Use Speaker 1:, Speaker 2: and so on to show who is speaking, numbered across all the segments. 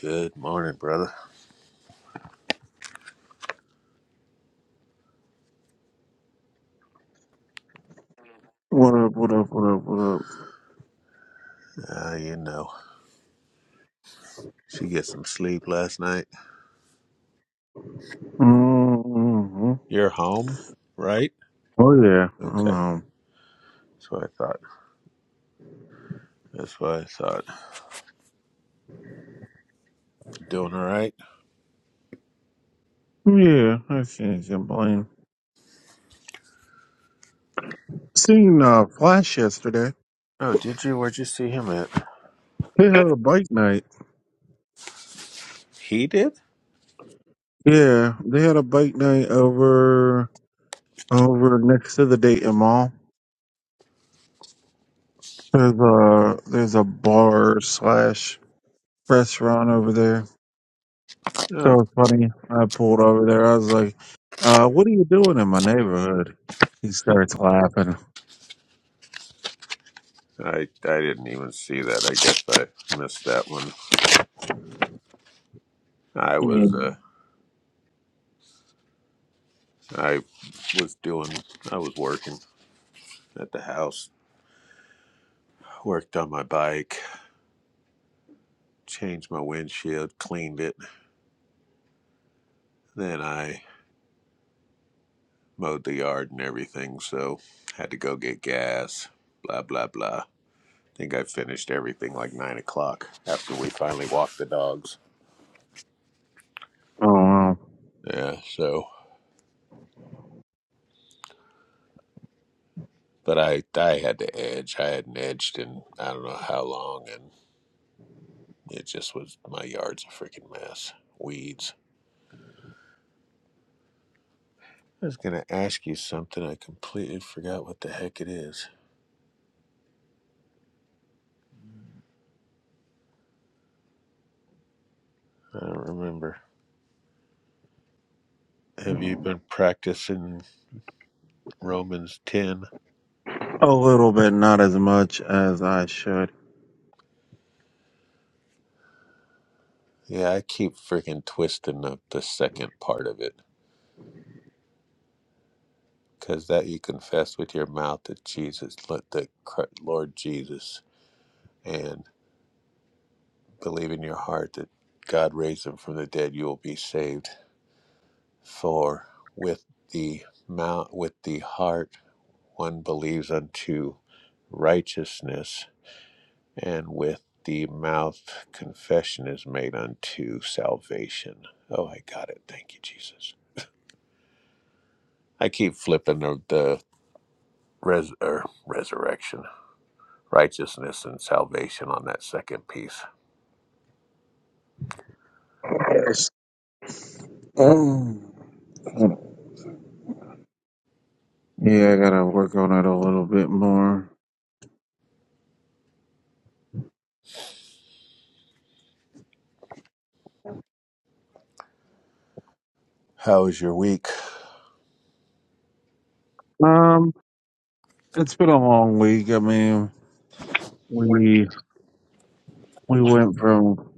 Speaker 1: Good morning, brother.
Speaker 2: What up, what up, what up, what up?
Speaker 1: Uh, you know, she get some sleep last night.
Speaker 2: Mm-hmm.
Speaker 1: You're home, right?
Speaker 2: Oh, yeah. I'm
Speaker 1: Okay,
Speaker 2: home.
Speaker 1: that's what I thought. That's what I thought. Doing all right?
Speaker 2: Yeah, I can't complain. Seen uh, Flash yesterday.
Speaker 1: Oh, did you? Where'd you see him at?
Speaker 2: They had a bike night.
Speaker 1: He did?
Speaker 2: Yeah, they had a bike night over over next to the Dayton Mall. There's a, there's a bar slash restaurant over there.
Speaker 1: Oh,
Speaker 2: So funny. I pulled over there. I was like, uh, what are you doing in my neighborhood? He starts laughing.
Speaker 1: I I didn't even see that. I guess I missed that one. I was
Speaker 2: Mm.
Speaker 1: uh I was doing I was working at the house. Worked on my bike, changed my windshield, cleaned it. Then I mowed the yard and everything, so had to go get gas, blah, blah, blah. I think I finished everything like nine o'clock after we finally walked the dogs.
Speaker 2: Oh, wow.
Speaker 1: Yeah, so, but I, I had to edge. I hadn't edged in I don't know how long, and it just was my yard's a freaking mess. Weeds. I was going to ask you something. I completely forgot what the heck it is. I don't remember. Have you been practicing Romans 10?
Speaker 2: A little bit, not as much as I should.
Speaker 1: Yeah, I keep freaking twisting up the second part of it. because that you confess with your mouth that Jesus, let the Lord Jesus, and believe in your heart that God raised him from the dead, you will be saved. For with the mouth, with the heart, one believes unto righteousness, and with the mouth, confession is made unto salvation. Oh, I got it. Thank you, Jesus. I keep flipping the, the res- er, resurrection. righteousness and salvation on that second piece.
Speaker 2: Yes. Um, yeah, I gotta work on it a little bit more.
Speaker 1: How was your week?
Speaker 2: Um, it's been a long week. I mean, we we went from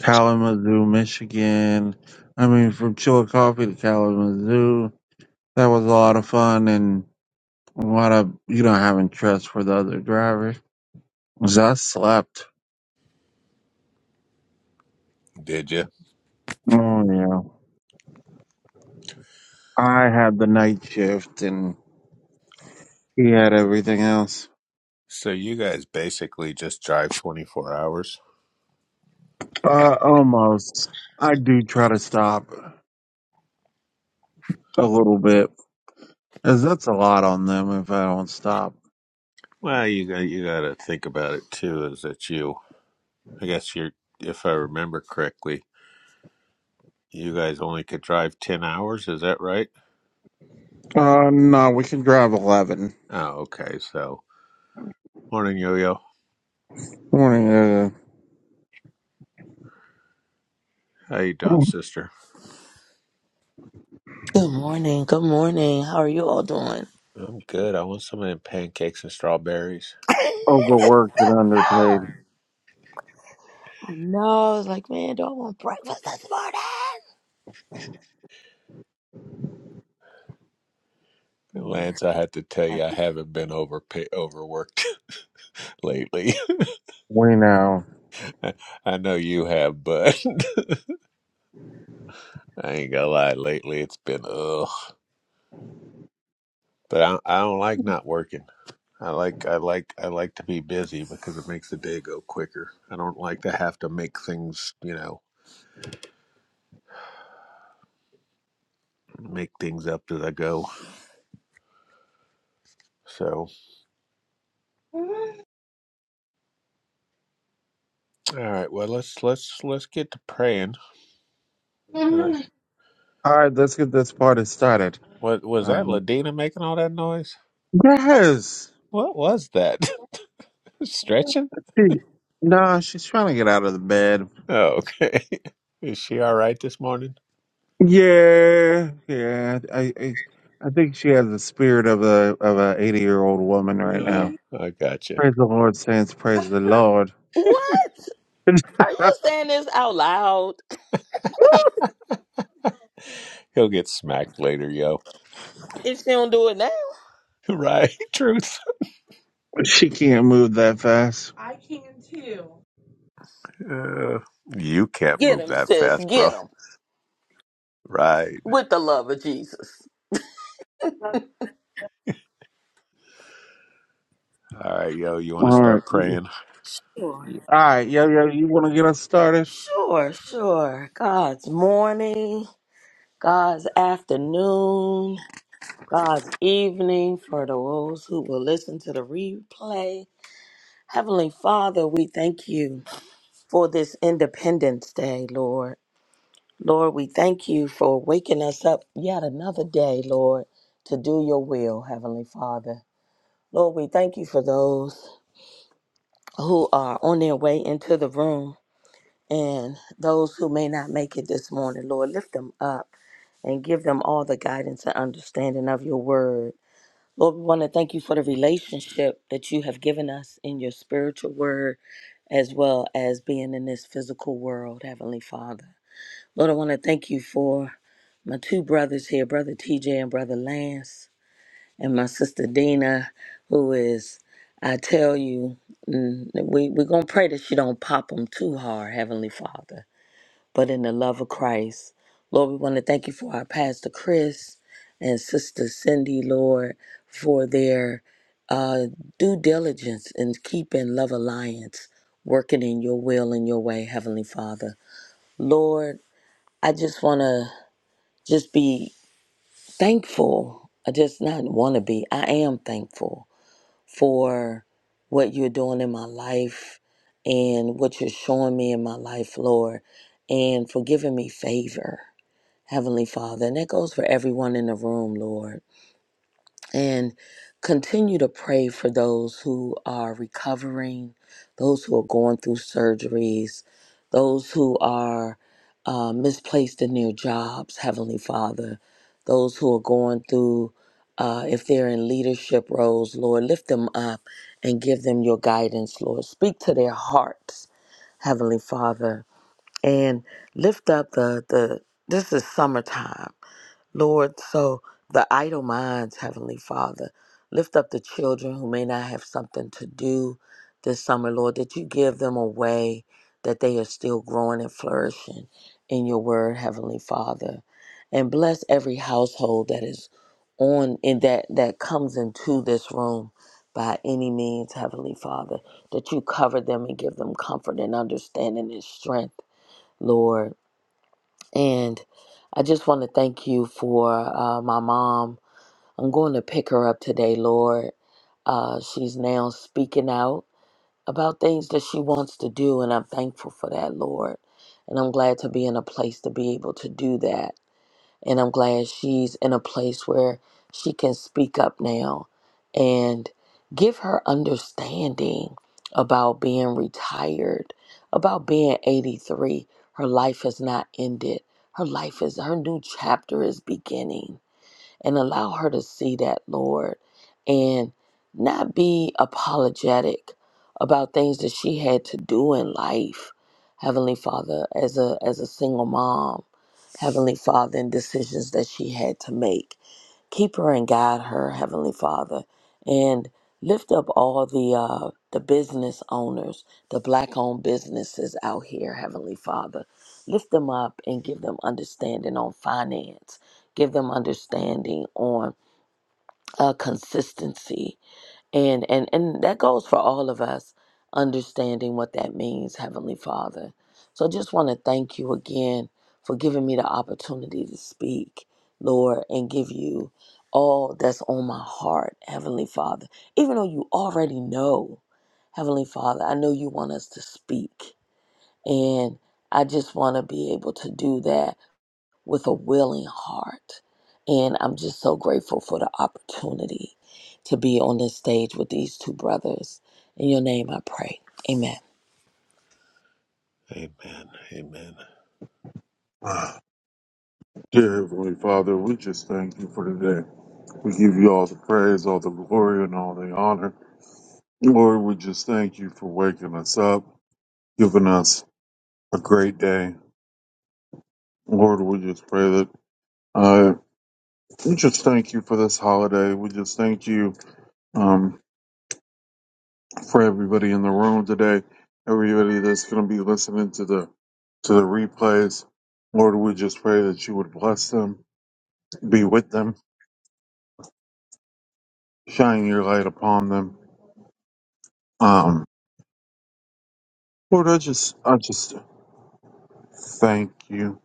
Speaker 2: Kalamazoo, Michigan. I mean, from Chillicothe to Kalamazoo. That was a lot of fun and a lot of you know having trust for the other drivers. 'Cause I slept.
Speaker 1: Did you?
Speaker 2: Oh yeah, I had the night shift and he had everything else.
Speaker 1: So you guys basically just drive 24 hours?
Speaker 2: Uh, almost. I do try to stop a little bit, as that's a lot on them if I don't stop.
Speaker 1: Well, you got you got to think about it too is that you I guess you're if I remember correctly, you guys only could drive 10 hours, is that right?
Speaker 2: Uh, no, we can drive 11.
Speaker 1: Oh, okay. So, morning yo-yo.
Speaker 2: Morning, uh,
Speaker 1: How you doing, sister?
Speaker 3: Good morning. Good morning. How are you all doing?
Speaker 1: I'm good. I want some of them pancakes and strawberries.
Speaker 2: overworked and underpaid.
Speaker 3: No, I was like, man, do I want breakfast this morning? Mm.
Speaker 1: Lance, I have to tell you, I haven't been over overworked lately.
Speaker 2: We know.
Speaker 1: I know you have, but I ain't gonna lie. Lately, it's been ugh. But I, I don't like not working. I like I like I like to be busy because it makes the day go quicker. I don't like to have to make things, you know, make things up as I go. So, all right. Well, let's let's let's get to praying. All right.
Speaker 2: All right, let's get this party started.
Speaker 1: What was
Speaker 2: Uh,
Speaker 1: that? Ladina making all that noise?
Speaker 2: yes.
Speaker 1: What was that? Stretching?
Speaker 2: She, nah, she's trying to get out of the bed.
Speaker 1: Oh, okay. Is she all right this morning?
Speaker 2: Yeah, yeah. I, I, I think she has the spirit of a of a eighty year old woman right now.
Speaker 1: Oh, I gotcha.
Speaker 2: Praise the Lord, saints. Praise the Lord.
Speaker 3: What? Are you saying this out loud?
Speaker 1: He'll get smacked later, yo.
Speaker 3: If she don't do it now,
Speaker 1: Right. Truth.
Speaker 2: she can't move that fast.
Speaker 1: Uh, you can't
Speaker 3: get
Speaker 1: move
Speaker 3: him,
Speaker 1: that
Speaker 3: sis.
Speaker 1: fast, bro.
Speaker 3: Get him
Speaker 1: Right.
Speaker 3: with the love of Jesus.
Speaker 1: All right, yo, you want
Speaker 2: All
Speaker 1: to
Speaker 2: right.
Speaker 1: start
Speaker 2: All
Speaker 1: praying?
Speaker 3: Sure.
Speaker 2: right, yo, yo, you want to get us started?
Speaker 3: Sure. Sure. God's morning. God's afternoon. God's evening for those who will listen to the replay. Heavenly Father, we thank you. for this Independence Day, Lord. Lord, we thank you for waking us up yet another day, Lord, to do your will, Heavenly Father. Lord, we thank you for those who are on their way into the room and those who may not make it this morning, Lord. Lift them up and give them all the guidance and understanding of your word. Lord, we want to thank you for the relationship that you have given us in your spiritual word as well as being in this physical world, Heavenly Father. Lord, I want to thank you for my two brothers here, Brother TJ and Brother Lance, and my sister Dina, who is, I tell you, mm, we, we're going to pray that she don't pop them too hard, Heavenly Father, but in the love of Christ. Lord, we want to thank you for our Pastor Chris and Sister Cindy, Lord, for their uh, due diligence in keeping Love Alliance working in your will and your way, Heavenly Father. Lord, I just want to just be thankful. I just not want to be. I am thankful for what you're doing in my life and what you're showing me in my life, Lord, and for giving me favor, Heavenly Father. And that goes for everyone in the room, Lord and continue to pray for those who are recovering, those who are going through surgeries, those who are uh, misplaced in their jobs, Heavenly Father, those who are going through, uh, if they're in leadership roles, Lord, lift them up and give them your guidance, Lord. Speak to their hearts, Heavenly Father, and lift up the, the this is summertime Lord, so the idle minds, Heavenly Father, lift up the children who may not have something to do this summer, Lord, that you give them a way that they are still growing and flourishing in your word, Heavenly Father. And bless every household that is on in that that comes into this room by any means, Heavenly Father, that you cover them and give them comfort and understanding and strength, Lord. And I just want to thank you for uh, my mom. I'm going to pick her up today, Lord. Uh, she's now speaking out about things that she wants to do, and I'm thankful for that, Lord. And I'm glad to be in a place to be able to do that and I'm glad she's in a place where she can speak up now and give her understanding about being retired, about being 83. Her life has not ended. Her life is her new chapter is beginning. And allow her to see that, Lord, and not be apologetic about things that she had to do in life. Heavenly Father, as a as a single mom, Heavenly Father, and decisions that she had to make. Keep her and guide her, Heavenly Father, and lift up all the uh, the business owners, the black-owned businesses out here, Heavenly Father. Lift them up and give them understanding on finance. Give them understanding on uh, consistency and and and that goes for all of us understanding what that means heavenly father so i just want to thank you again for giving me the opportunity to speak lord and give you all that's on my heart heavenly father even though you already know heavenly father i know you want us to speak and i just want to be able to do that with a willing heart. And I'm just so grateful for the opportunity to be on this stage with these two brothers. In your name I pray. Amen.
Speaker 1: Amen. Amen.
Speaker 2: Dear Heavenly Father, we just thank you for today. We give you all the praise, all the glory, and all the honor. Lord, we just thank you for waking us up, giving us a great day. Lord, we just pray that uh, we just thank you for this holiday. We just thank you. Um, for everybody in the room today, everybody that's going to be listening to the to the replays. Lord, we just pray that you would bless them, be with them, shine your light upon them. Um, Lord, I just I just thank you.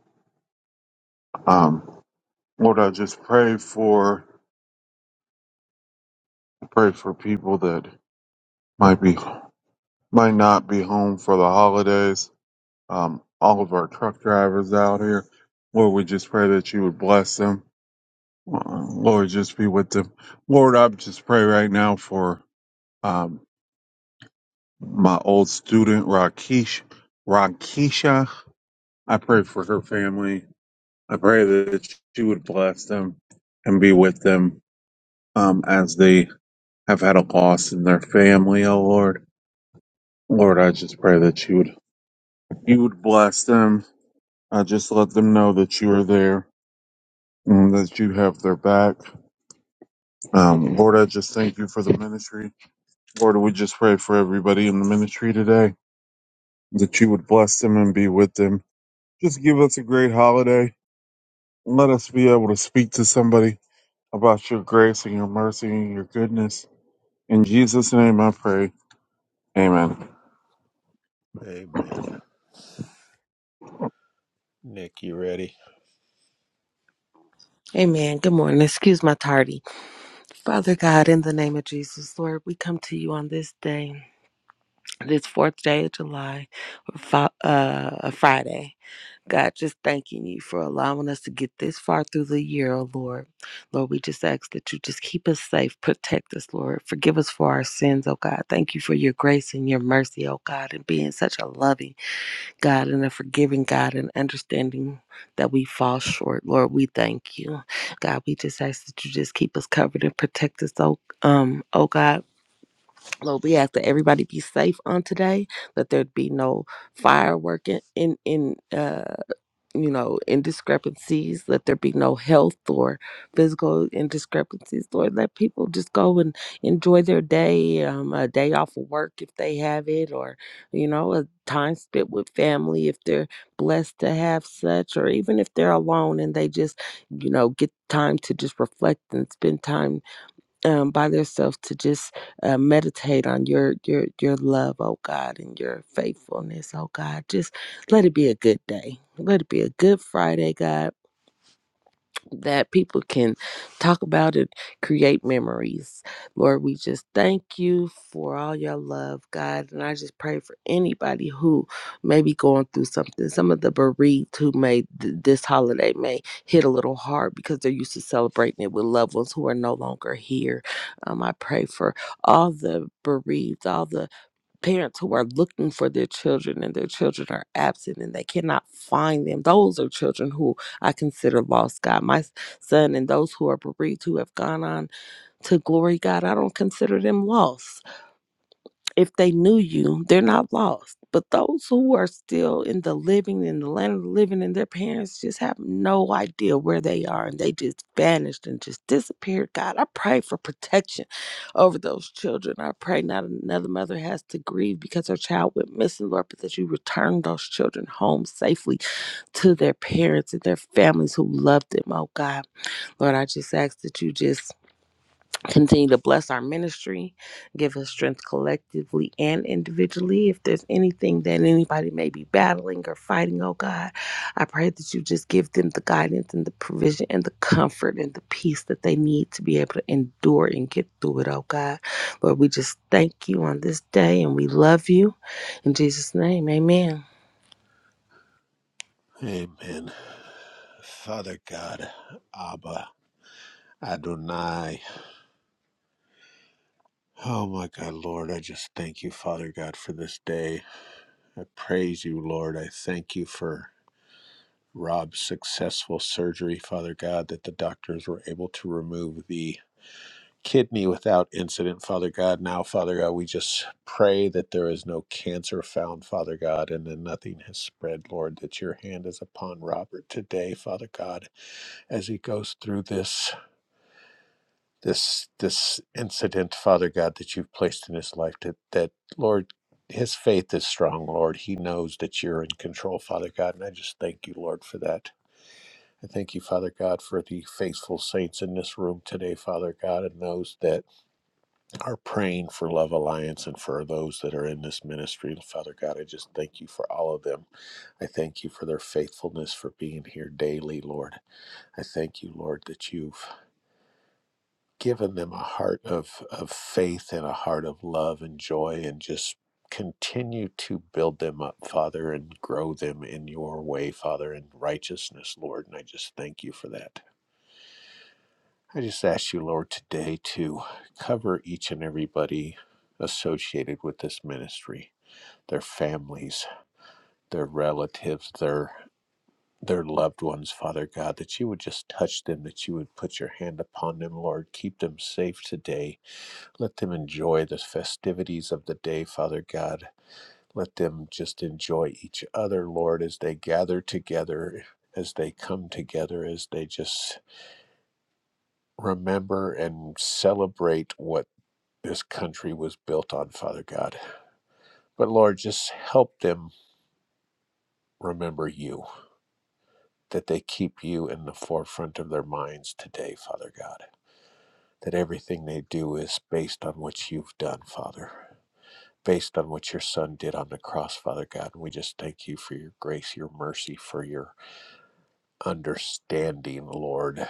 Speaker 2: Um, Lord, I just pray for pray for people that might be might not be home for the holidays. Um, all of our truck drivers out here, Lord, we just pray that you would bless them Uh, Lord, just be with them. Lord, I just pray right now for um, my old student, Rakesh, Rakesha. I pray for her family. I pray that she would bless them and be with them um, as they have had a loss in their family, oh Lord. Lord, I just pray that you would you would bless them. I just let them know that you are there and that you have their back. Um, Lord, I just thank you for the ministry. Lord, we just pray for everybody in the ministry today. that you would bless them and be with them. Just give us a great holiday. Let us be able to speak to somebody about your grace and your mercy and your goodness. In Jesus' name I pray. Amen.
Speaker 1: Amen. Nick, you ready?
Speaker 4: Amen. Good morning. Excuse my tardy. Father God, in the name of Jesus, Lord, we come to you on this day, this fourth day of July, fi- uh, a Friday. God, just thanking you for allowing us to get this far through the year, oh Lord. Lord, we just ask that you just keep us safe, protect us, Lord. Forgive us for our sins, oh God. Thank you for your grace and your mercy, oh God, and being such a loving, God and a forgiving God and understanding that we fall short. Lord, we thank you. God, we just ask that you just keep us covered and protect us. Oh, um, oh God. Lord, we ask that everybody be safe on today, that there be no firework in in, in uh you know, indiscrepancies. Let there be no health or physical indiscrepancies. Lord, let people just go and enjoy their day, um, a day off of work if they have it, or, you know, a time spent with family if they're blessed to have such, or even if they're alone and they just, you know, get time to just reflect and spend time um, by themselves to just uh, meditate on your your your love, oh God, and your faithfulness, oh God. Just let it be a good day. Let it be a good Friday, God that people can talk about it, create memories. Lord, we just thank you for all your love, God. And I just pray for anybody who may be going through something. Some of the bereaved who may th- this holiday may hit a little hard because they're used to celebrating it with loved ones who are no longer here. Um, I pray for all the bereaved, all the parents who are looking for their children and their children are absent and they cannot find them those are children who i consider lost god my son and those who are bereaved who have gone on to glory god i don't consider them lost if they knew you, they're not lost. But those who are still in the living, in the land of the living, and their parents just have no idea where they are and they just vanished and just disappeared. God, I pray for protection over those children. I pray not another mother has to grieve because her child went missing, Lord, but that you return those children home safely to their parents and their families who love them. Oh, God. Lord, I just ask that you just Continue to bless our ministry. Give us strength collectively and individually. If there's anything that anybody may be battling or fighting, oh God, I pray that you just give them the guidance and the provision and the comfort and the peace that they need to be able to endure and get through it, oh God. Lord, we just thank you on this day and we love you. In Jesus' name, amen.
Speaker 1: Amen. Father God, Abba, Adonai. Oh my God, Lord, I just thank you, Father God, for this day. I praise you, Lord. I thank you for Rob's successful surgery, Father God, that the doctors were able to remove the Kid me without incident, Father God. Now, Father God, we just pray that there is no cancer found, Father God, and that nothing has spread, Lord, that your hand is upon Robert today, Father God, as he goes through this this this incident, Father God, that you've placed in his life, that, that Lord, his faith is strong, Lord. He knows that you're in control, Father God, and I just thank you, Lord, for that. I thank you, Father God, for the faithful saints in this room today, Father God, and those that are praying for Love Alliance and for those that are in this ministry. Father God, I just thank you for all of them. I thank you for their faithfulness for being here daily, Lord. I thank you, Lord, that you've given them a heart of, of faith and a heart of love and joy and just continue to build them up, Father, and grow them in your way, Father, in righteousness, Lord. And I just thank you for that. I just ask you, Lord, today to cover each and everybody associated with this ministry, their families, their relatives, their their loved ones, Father God, that you would just touch them, that you would put your hand upon them, Lord. Keep them safe today. Let them enjoy the festivities of the day, Father God. Let them just enjoy each other, Lord, as they gather together, as they come together, as they just remember and celebrate what This country was built on, Father God. But Lord, just help them remember you, that they keep you in the forefront of their minds today, Father God. That everything they do is based on what you've done, Father. Based on what your son did on the cross, Father God. And we just thank you for your grace, your mercy, for your understanding, Lord.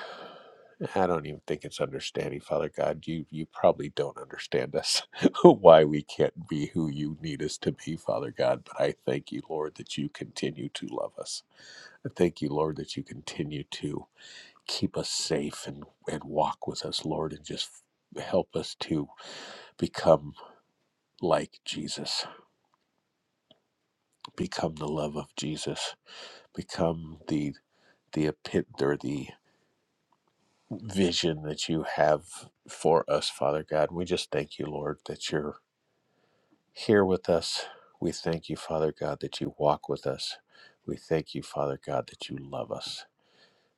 Speaker 1: I don't even think it's understanding, Father God. You you probably don't understand us why we can't be who you need us to be, Father God. But I thank you, Lord, that you continue to love us. I thank you, Lord, that you continue to keep us safe and, and walk with us, Lord, and just help us to become like Jesus, become the love of Jesus, become the the epit or the vision that you have for us, Father God. We just thank you, Lord, that you're here with us. We thank you, Father God, that you walk with us. We thank you, Father God, that you love us.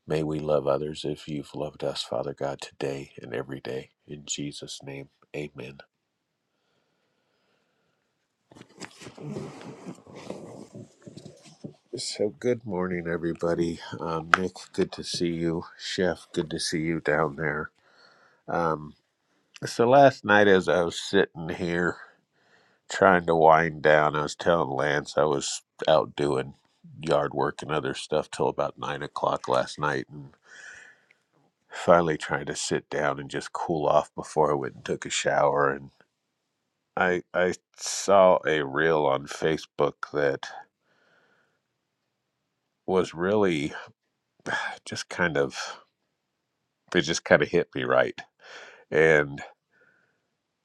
Speaker 1: May we love others if you've loved us, Father God, today and every day. In Jesus' name, amen. So, good morning, everybody. Um, Nick, good to see you. Chef, good to see you down there. Um, so, last night as I was sitting here trying to wind down. I was telling Lance I was out doing yard work and other stuff till about nine o'clock last night, and finally trying to sit down and just cool off before I went and took a shower. And I I saw a reel on Facebook that was really just kind of it just kind of hit me right, and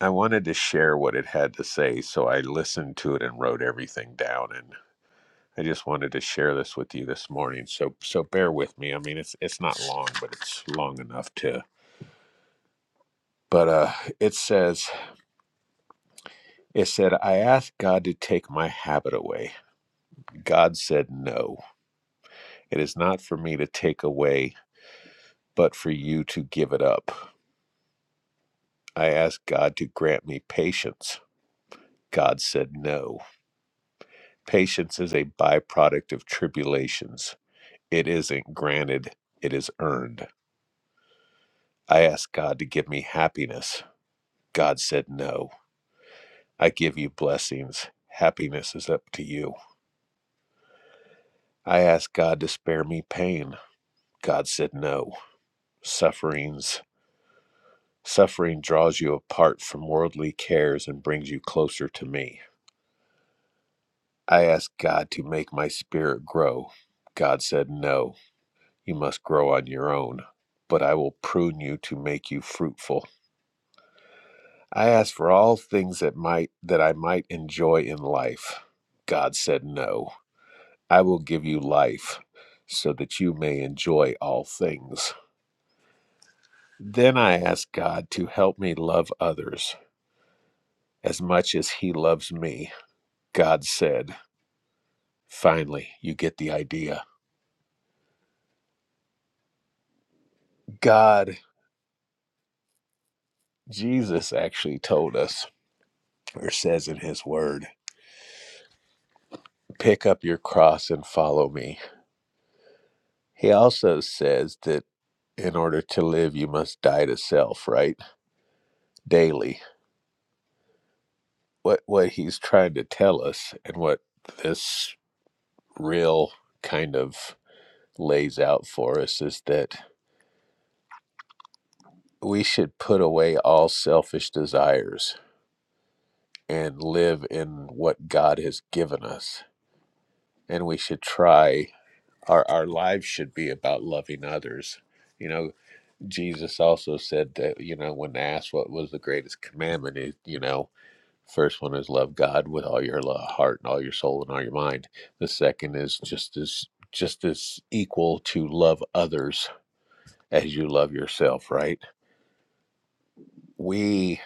Speaker 1: I wanted to share what it had to say, so I listened to it and wrote everything down and. I just wanted to share this with you this morning. So so bear with me. I mean it's it's not long, but it's long enough to but uh it says it said I asked God to take my habit away. God said no. It is not for me to take away, but for you to give it up. I asked God to grant me patience. God said no. Patience is a byproduct of tribulations. It isn't granted, it is earned. I asked God to give me happiness. God said no. I give you blessings. Happiness is up to you. I asked God to spare me pain. God said no. Sufferings suffering draws you apart from worldly cares and brings you closer to me. I asked God to make my spirit grow. God said no. You must grow on your own, but I will prune you to make you fruitful. I asked for all things that might that I might enjoy in life. God said no. I will give you life so that you may enjoy all things. Then I asked God to help me love others as much as He loves me. God said, Finally, you get the idea. God, Jesus actually told us, or says in His Word, pick up your cross and follow me. He also says that in order to live, you must die to self, right? Daily. What, what He's trying to tell us and what this real kind of lays out for us is that we should put away all selfish desires and live in what God has given us. And we should try, our, our lives should be about loving others. You know, Jesus also said that, you know, when asked what was the greatest commandment, it, you know, first one is love God with all your heart and all your soul and all your mind. The second is just as just as equal to love others as you love yourself, right? We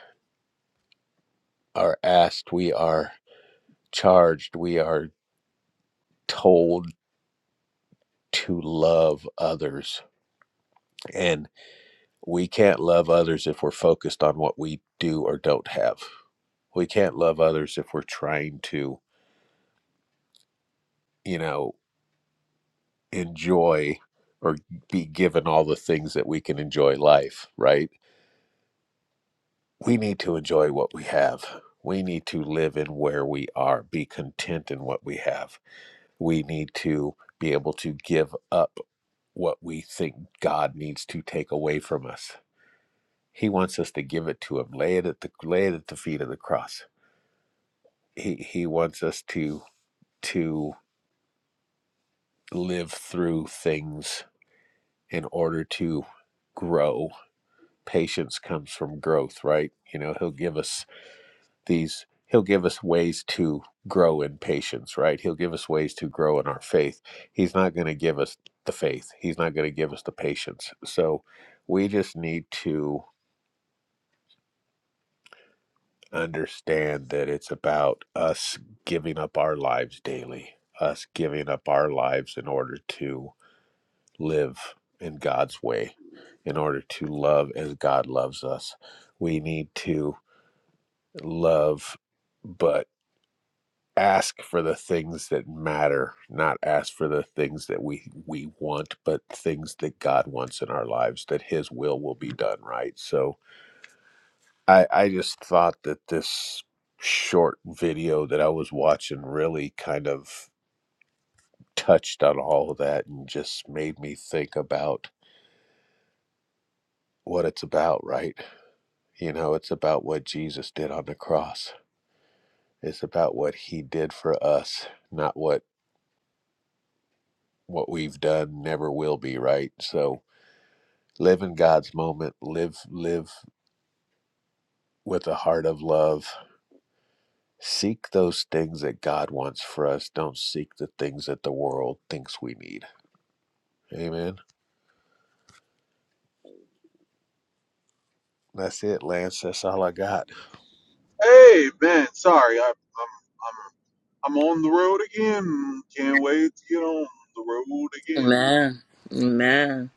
Speaker 1: are asked, we are charged, we are told to love others. And we can't love others if we're focused on what we do or don't have. We can't love others if we're trying to, you know, enjoy or be given all the things that we can enjoy life, right? We need to enjoy what we have. We need to live in where we are, be content in what we have we need to be able to give up what we think God needs to take away from us. He wants us to give it to him, lay it at the lay it at the feet of the cross. He he wants us to to live through things in order to grow. Patience comes from growth, right? You know, he'll give us these he'll give us ways to grow in patience right he'll give us ways to grow in our faith he's not going to give us the faith he's not going to give us the patience so we just need to understand that it's about us giving up our lives daily us giving up our lives in order to live in god's way in order to love as god loves us we need to love but. ask for the things that matter, not ask for the things that we we want, but things that God wants in our lives, that His will will be done, right? So I I just thought that this short video that I was watching really kind of touched on all of that and just made me think about what it's about, right? You know, it's about what Jesus did on the cross. It's about what he did for us, not what what we've done never will be, right? So live in God's moment, live live with a heart of love. Seek those things that God wants for us. Don't seek the things that the world thinks we need. Amen. That's it, Lance. That's all I got.
Speaker 2: Amen. sorry, I, I'm I'm I'm on the road again. Can't wait to get on the road again.
Speaker 3: Amen. Amen.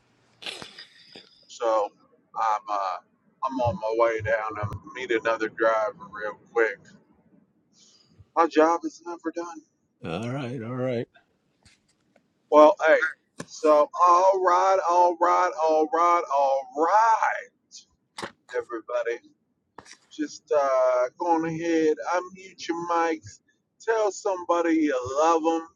Speaker 2: So I'm uh I'm on my way down. I'm meet another driver real quick. My job is never done.
Speaker 1: All right, all right.
Speaker 2: Well, hey, so all right, all right, all right, all right, everybody. Just uh, go on ahead, unmute your mics, tell somebody you love them.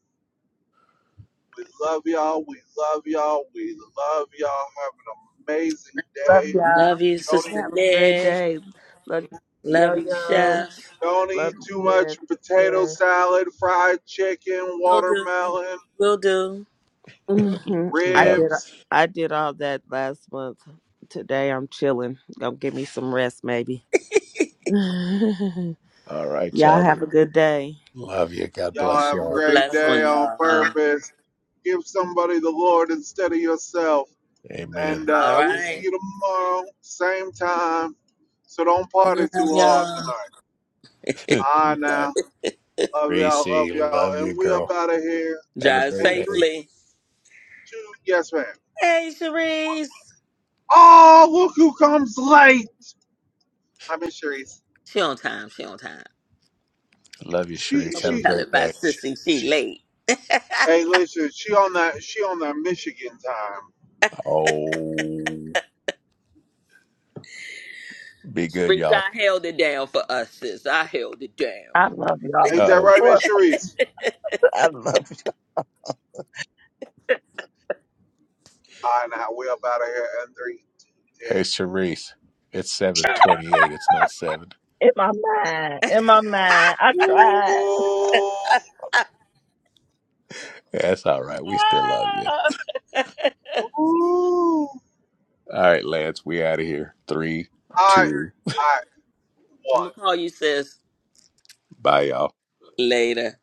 Speaker 2: We love y'all, we love y'all, we love y'all. Have an amazing
Speaker 4: Love
Speaker 2: day.
Speaker 3: Love
Speaker 4: y'all.
Speaker 3: you,
Speaker 2: Don't
Speaker 3: Sister
Speaker 2: eat,
Speaker 4: Have a great
Speaker 3: Nick.
Speaker 4: day. Love you,
Speaker 3: Love
Speaker 4: yo
Speaker 3: you,
Speaker 4: yo.
Speaker 3: Chef.
Speaker 2: don't
Speaker 4: Love
Speaker 2: eat too
Speaker 4: you,
Speaker 2: much potato
Speaker 4: Jeff.
Speaker 2: salad, fried chicken,
Speaker 3: Will do.
Speaker 2: watermelon,
Speaker 3: Will do. Will do.
Speaker 4: hmm I
Speaker 1: Love.
Speaker 4: did.
Speaker 2: ribs.
Speaker 4: I did all that last month. Today I'm chilling. Go give me some rest, maybe. Y'all
Speaker 1: All right, y'all.
Speaker 4: have a good day.
Speaker 1: Love you. God
Speaker 2: Y'all
Speaker 1: bless
Speaker 2: have a
Speaker 3: have a
Speaker 1: y'all.
Speaker 2: great
Speaker 4: Love
Speaker 3: blessed
Speaker 2: day
Speaker 3: one,
Speaker 2: on
Speaker 3: y'all.
Speaker 2: purpose. Give somebody the Lord instead of yourself.
Speaker 1: Amen.
Speaker 2: And
Speaker 3: All
Speaker 2: uh, we
Speaker 4: y'all.
Speaker 2: see
Speaker 3: right.
Speaker 2: you tomorrow, same time. So don't party
Speaker 3: Love
Speaker 2: too hard
Speaker 3: y'all.
Speaker 2: tonight. All right,
Speaker 1: Bye.
Speaker 2: now. Love
Speaker 1: Reese,
Speaker 2: y'all, love y'all.
Speaker 1: love you,
Speaker 2: And we up
Speaker 1: girl.
Speaker 2: out of here
Speaker 1: Have a
Speaker 3: Drive
Speaker 1: great
Speaker 2: in three,
Speaker 1: day.
Speaker 3: safely.
Speaker 2: two, yes, ma'am.
Speaker 3: Hey, Sharice.
Speaker 2: Oh, look who comes late. I mean, Sharice.
Speaker 3: She on time. She on time.
Speaker 1: Love you,
Speaker 2: She,
Speaker 1: Sharice.
Speaker 3: Don't
Speaker 1: Have
Speaker 3: be
Speaker 1: a
Speaker 2: she,
Speaker 1: great
Speaker 3: telling by
Speaker 1: day.
Speaker 2: she,
Speaker 3: Sissy. She
Speaker 2: she.
Speaker 3: late.
Speaker 2: Hey, listen, she on that, she on that Michigan time.
Speaker 1: Oh, be good,
Speaker 3: Sharice,
Speaker 1: y'all.
Speaker 3: I held it down for us, sis. I held it down.
Speaker 5: I love
Speaker 1: Uh
Speaker 5: y'all.
Speaker 2: Ain't that
Speaker 1: oh.
Speaker 2: right, Miss Sharice?
Speaker 5: I love you.
Speaker 2: All right, now. We up out of here in three,
Speaker 1: Hey,
Speaker 2: ten.
Speaker 1: Sharice. It's 728. It's not 7.
Speaker 5: in my mind, in my mind. I
Speaker 2: Ooh,
Speaker 5: tried.
Speaker 1: That's all right. We still love you.
Speaker 2: ooh.
Speaker 1: All right, Lance. We out of here. Three,
Speaker 2: All right,
Speaker 1: two,
Speaker 2: all right,
Speaker 3: I'm
Speaker 2: one.
Speaker 3: gonna call you, sis,
Speaker 1: bye, y'all.
Speaker 3: later.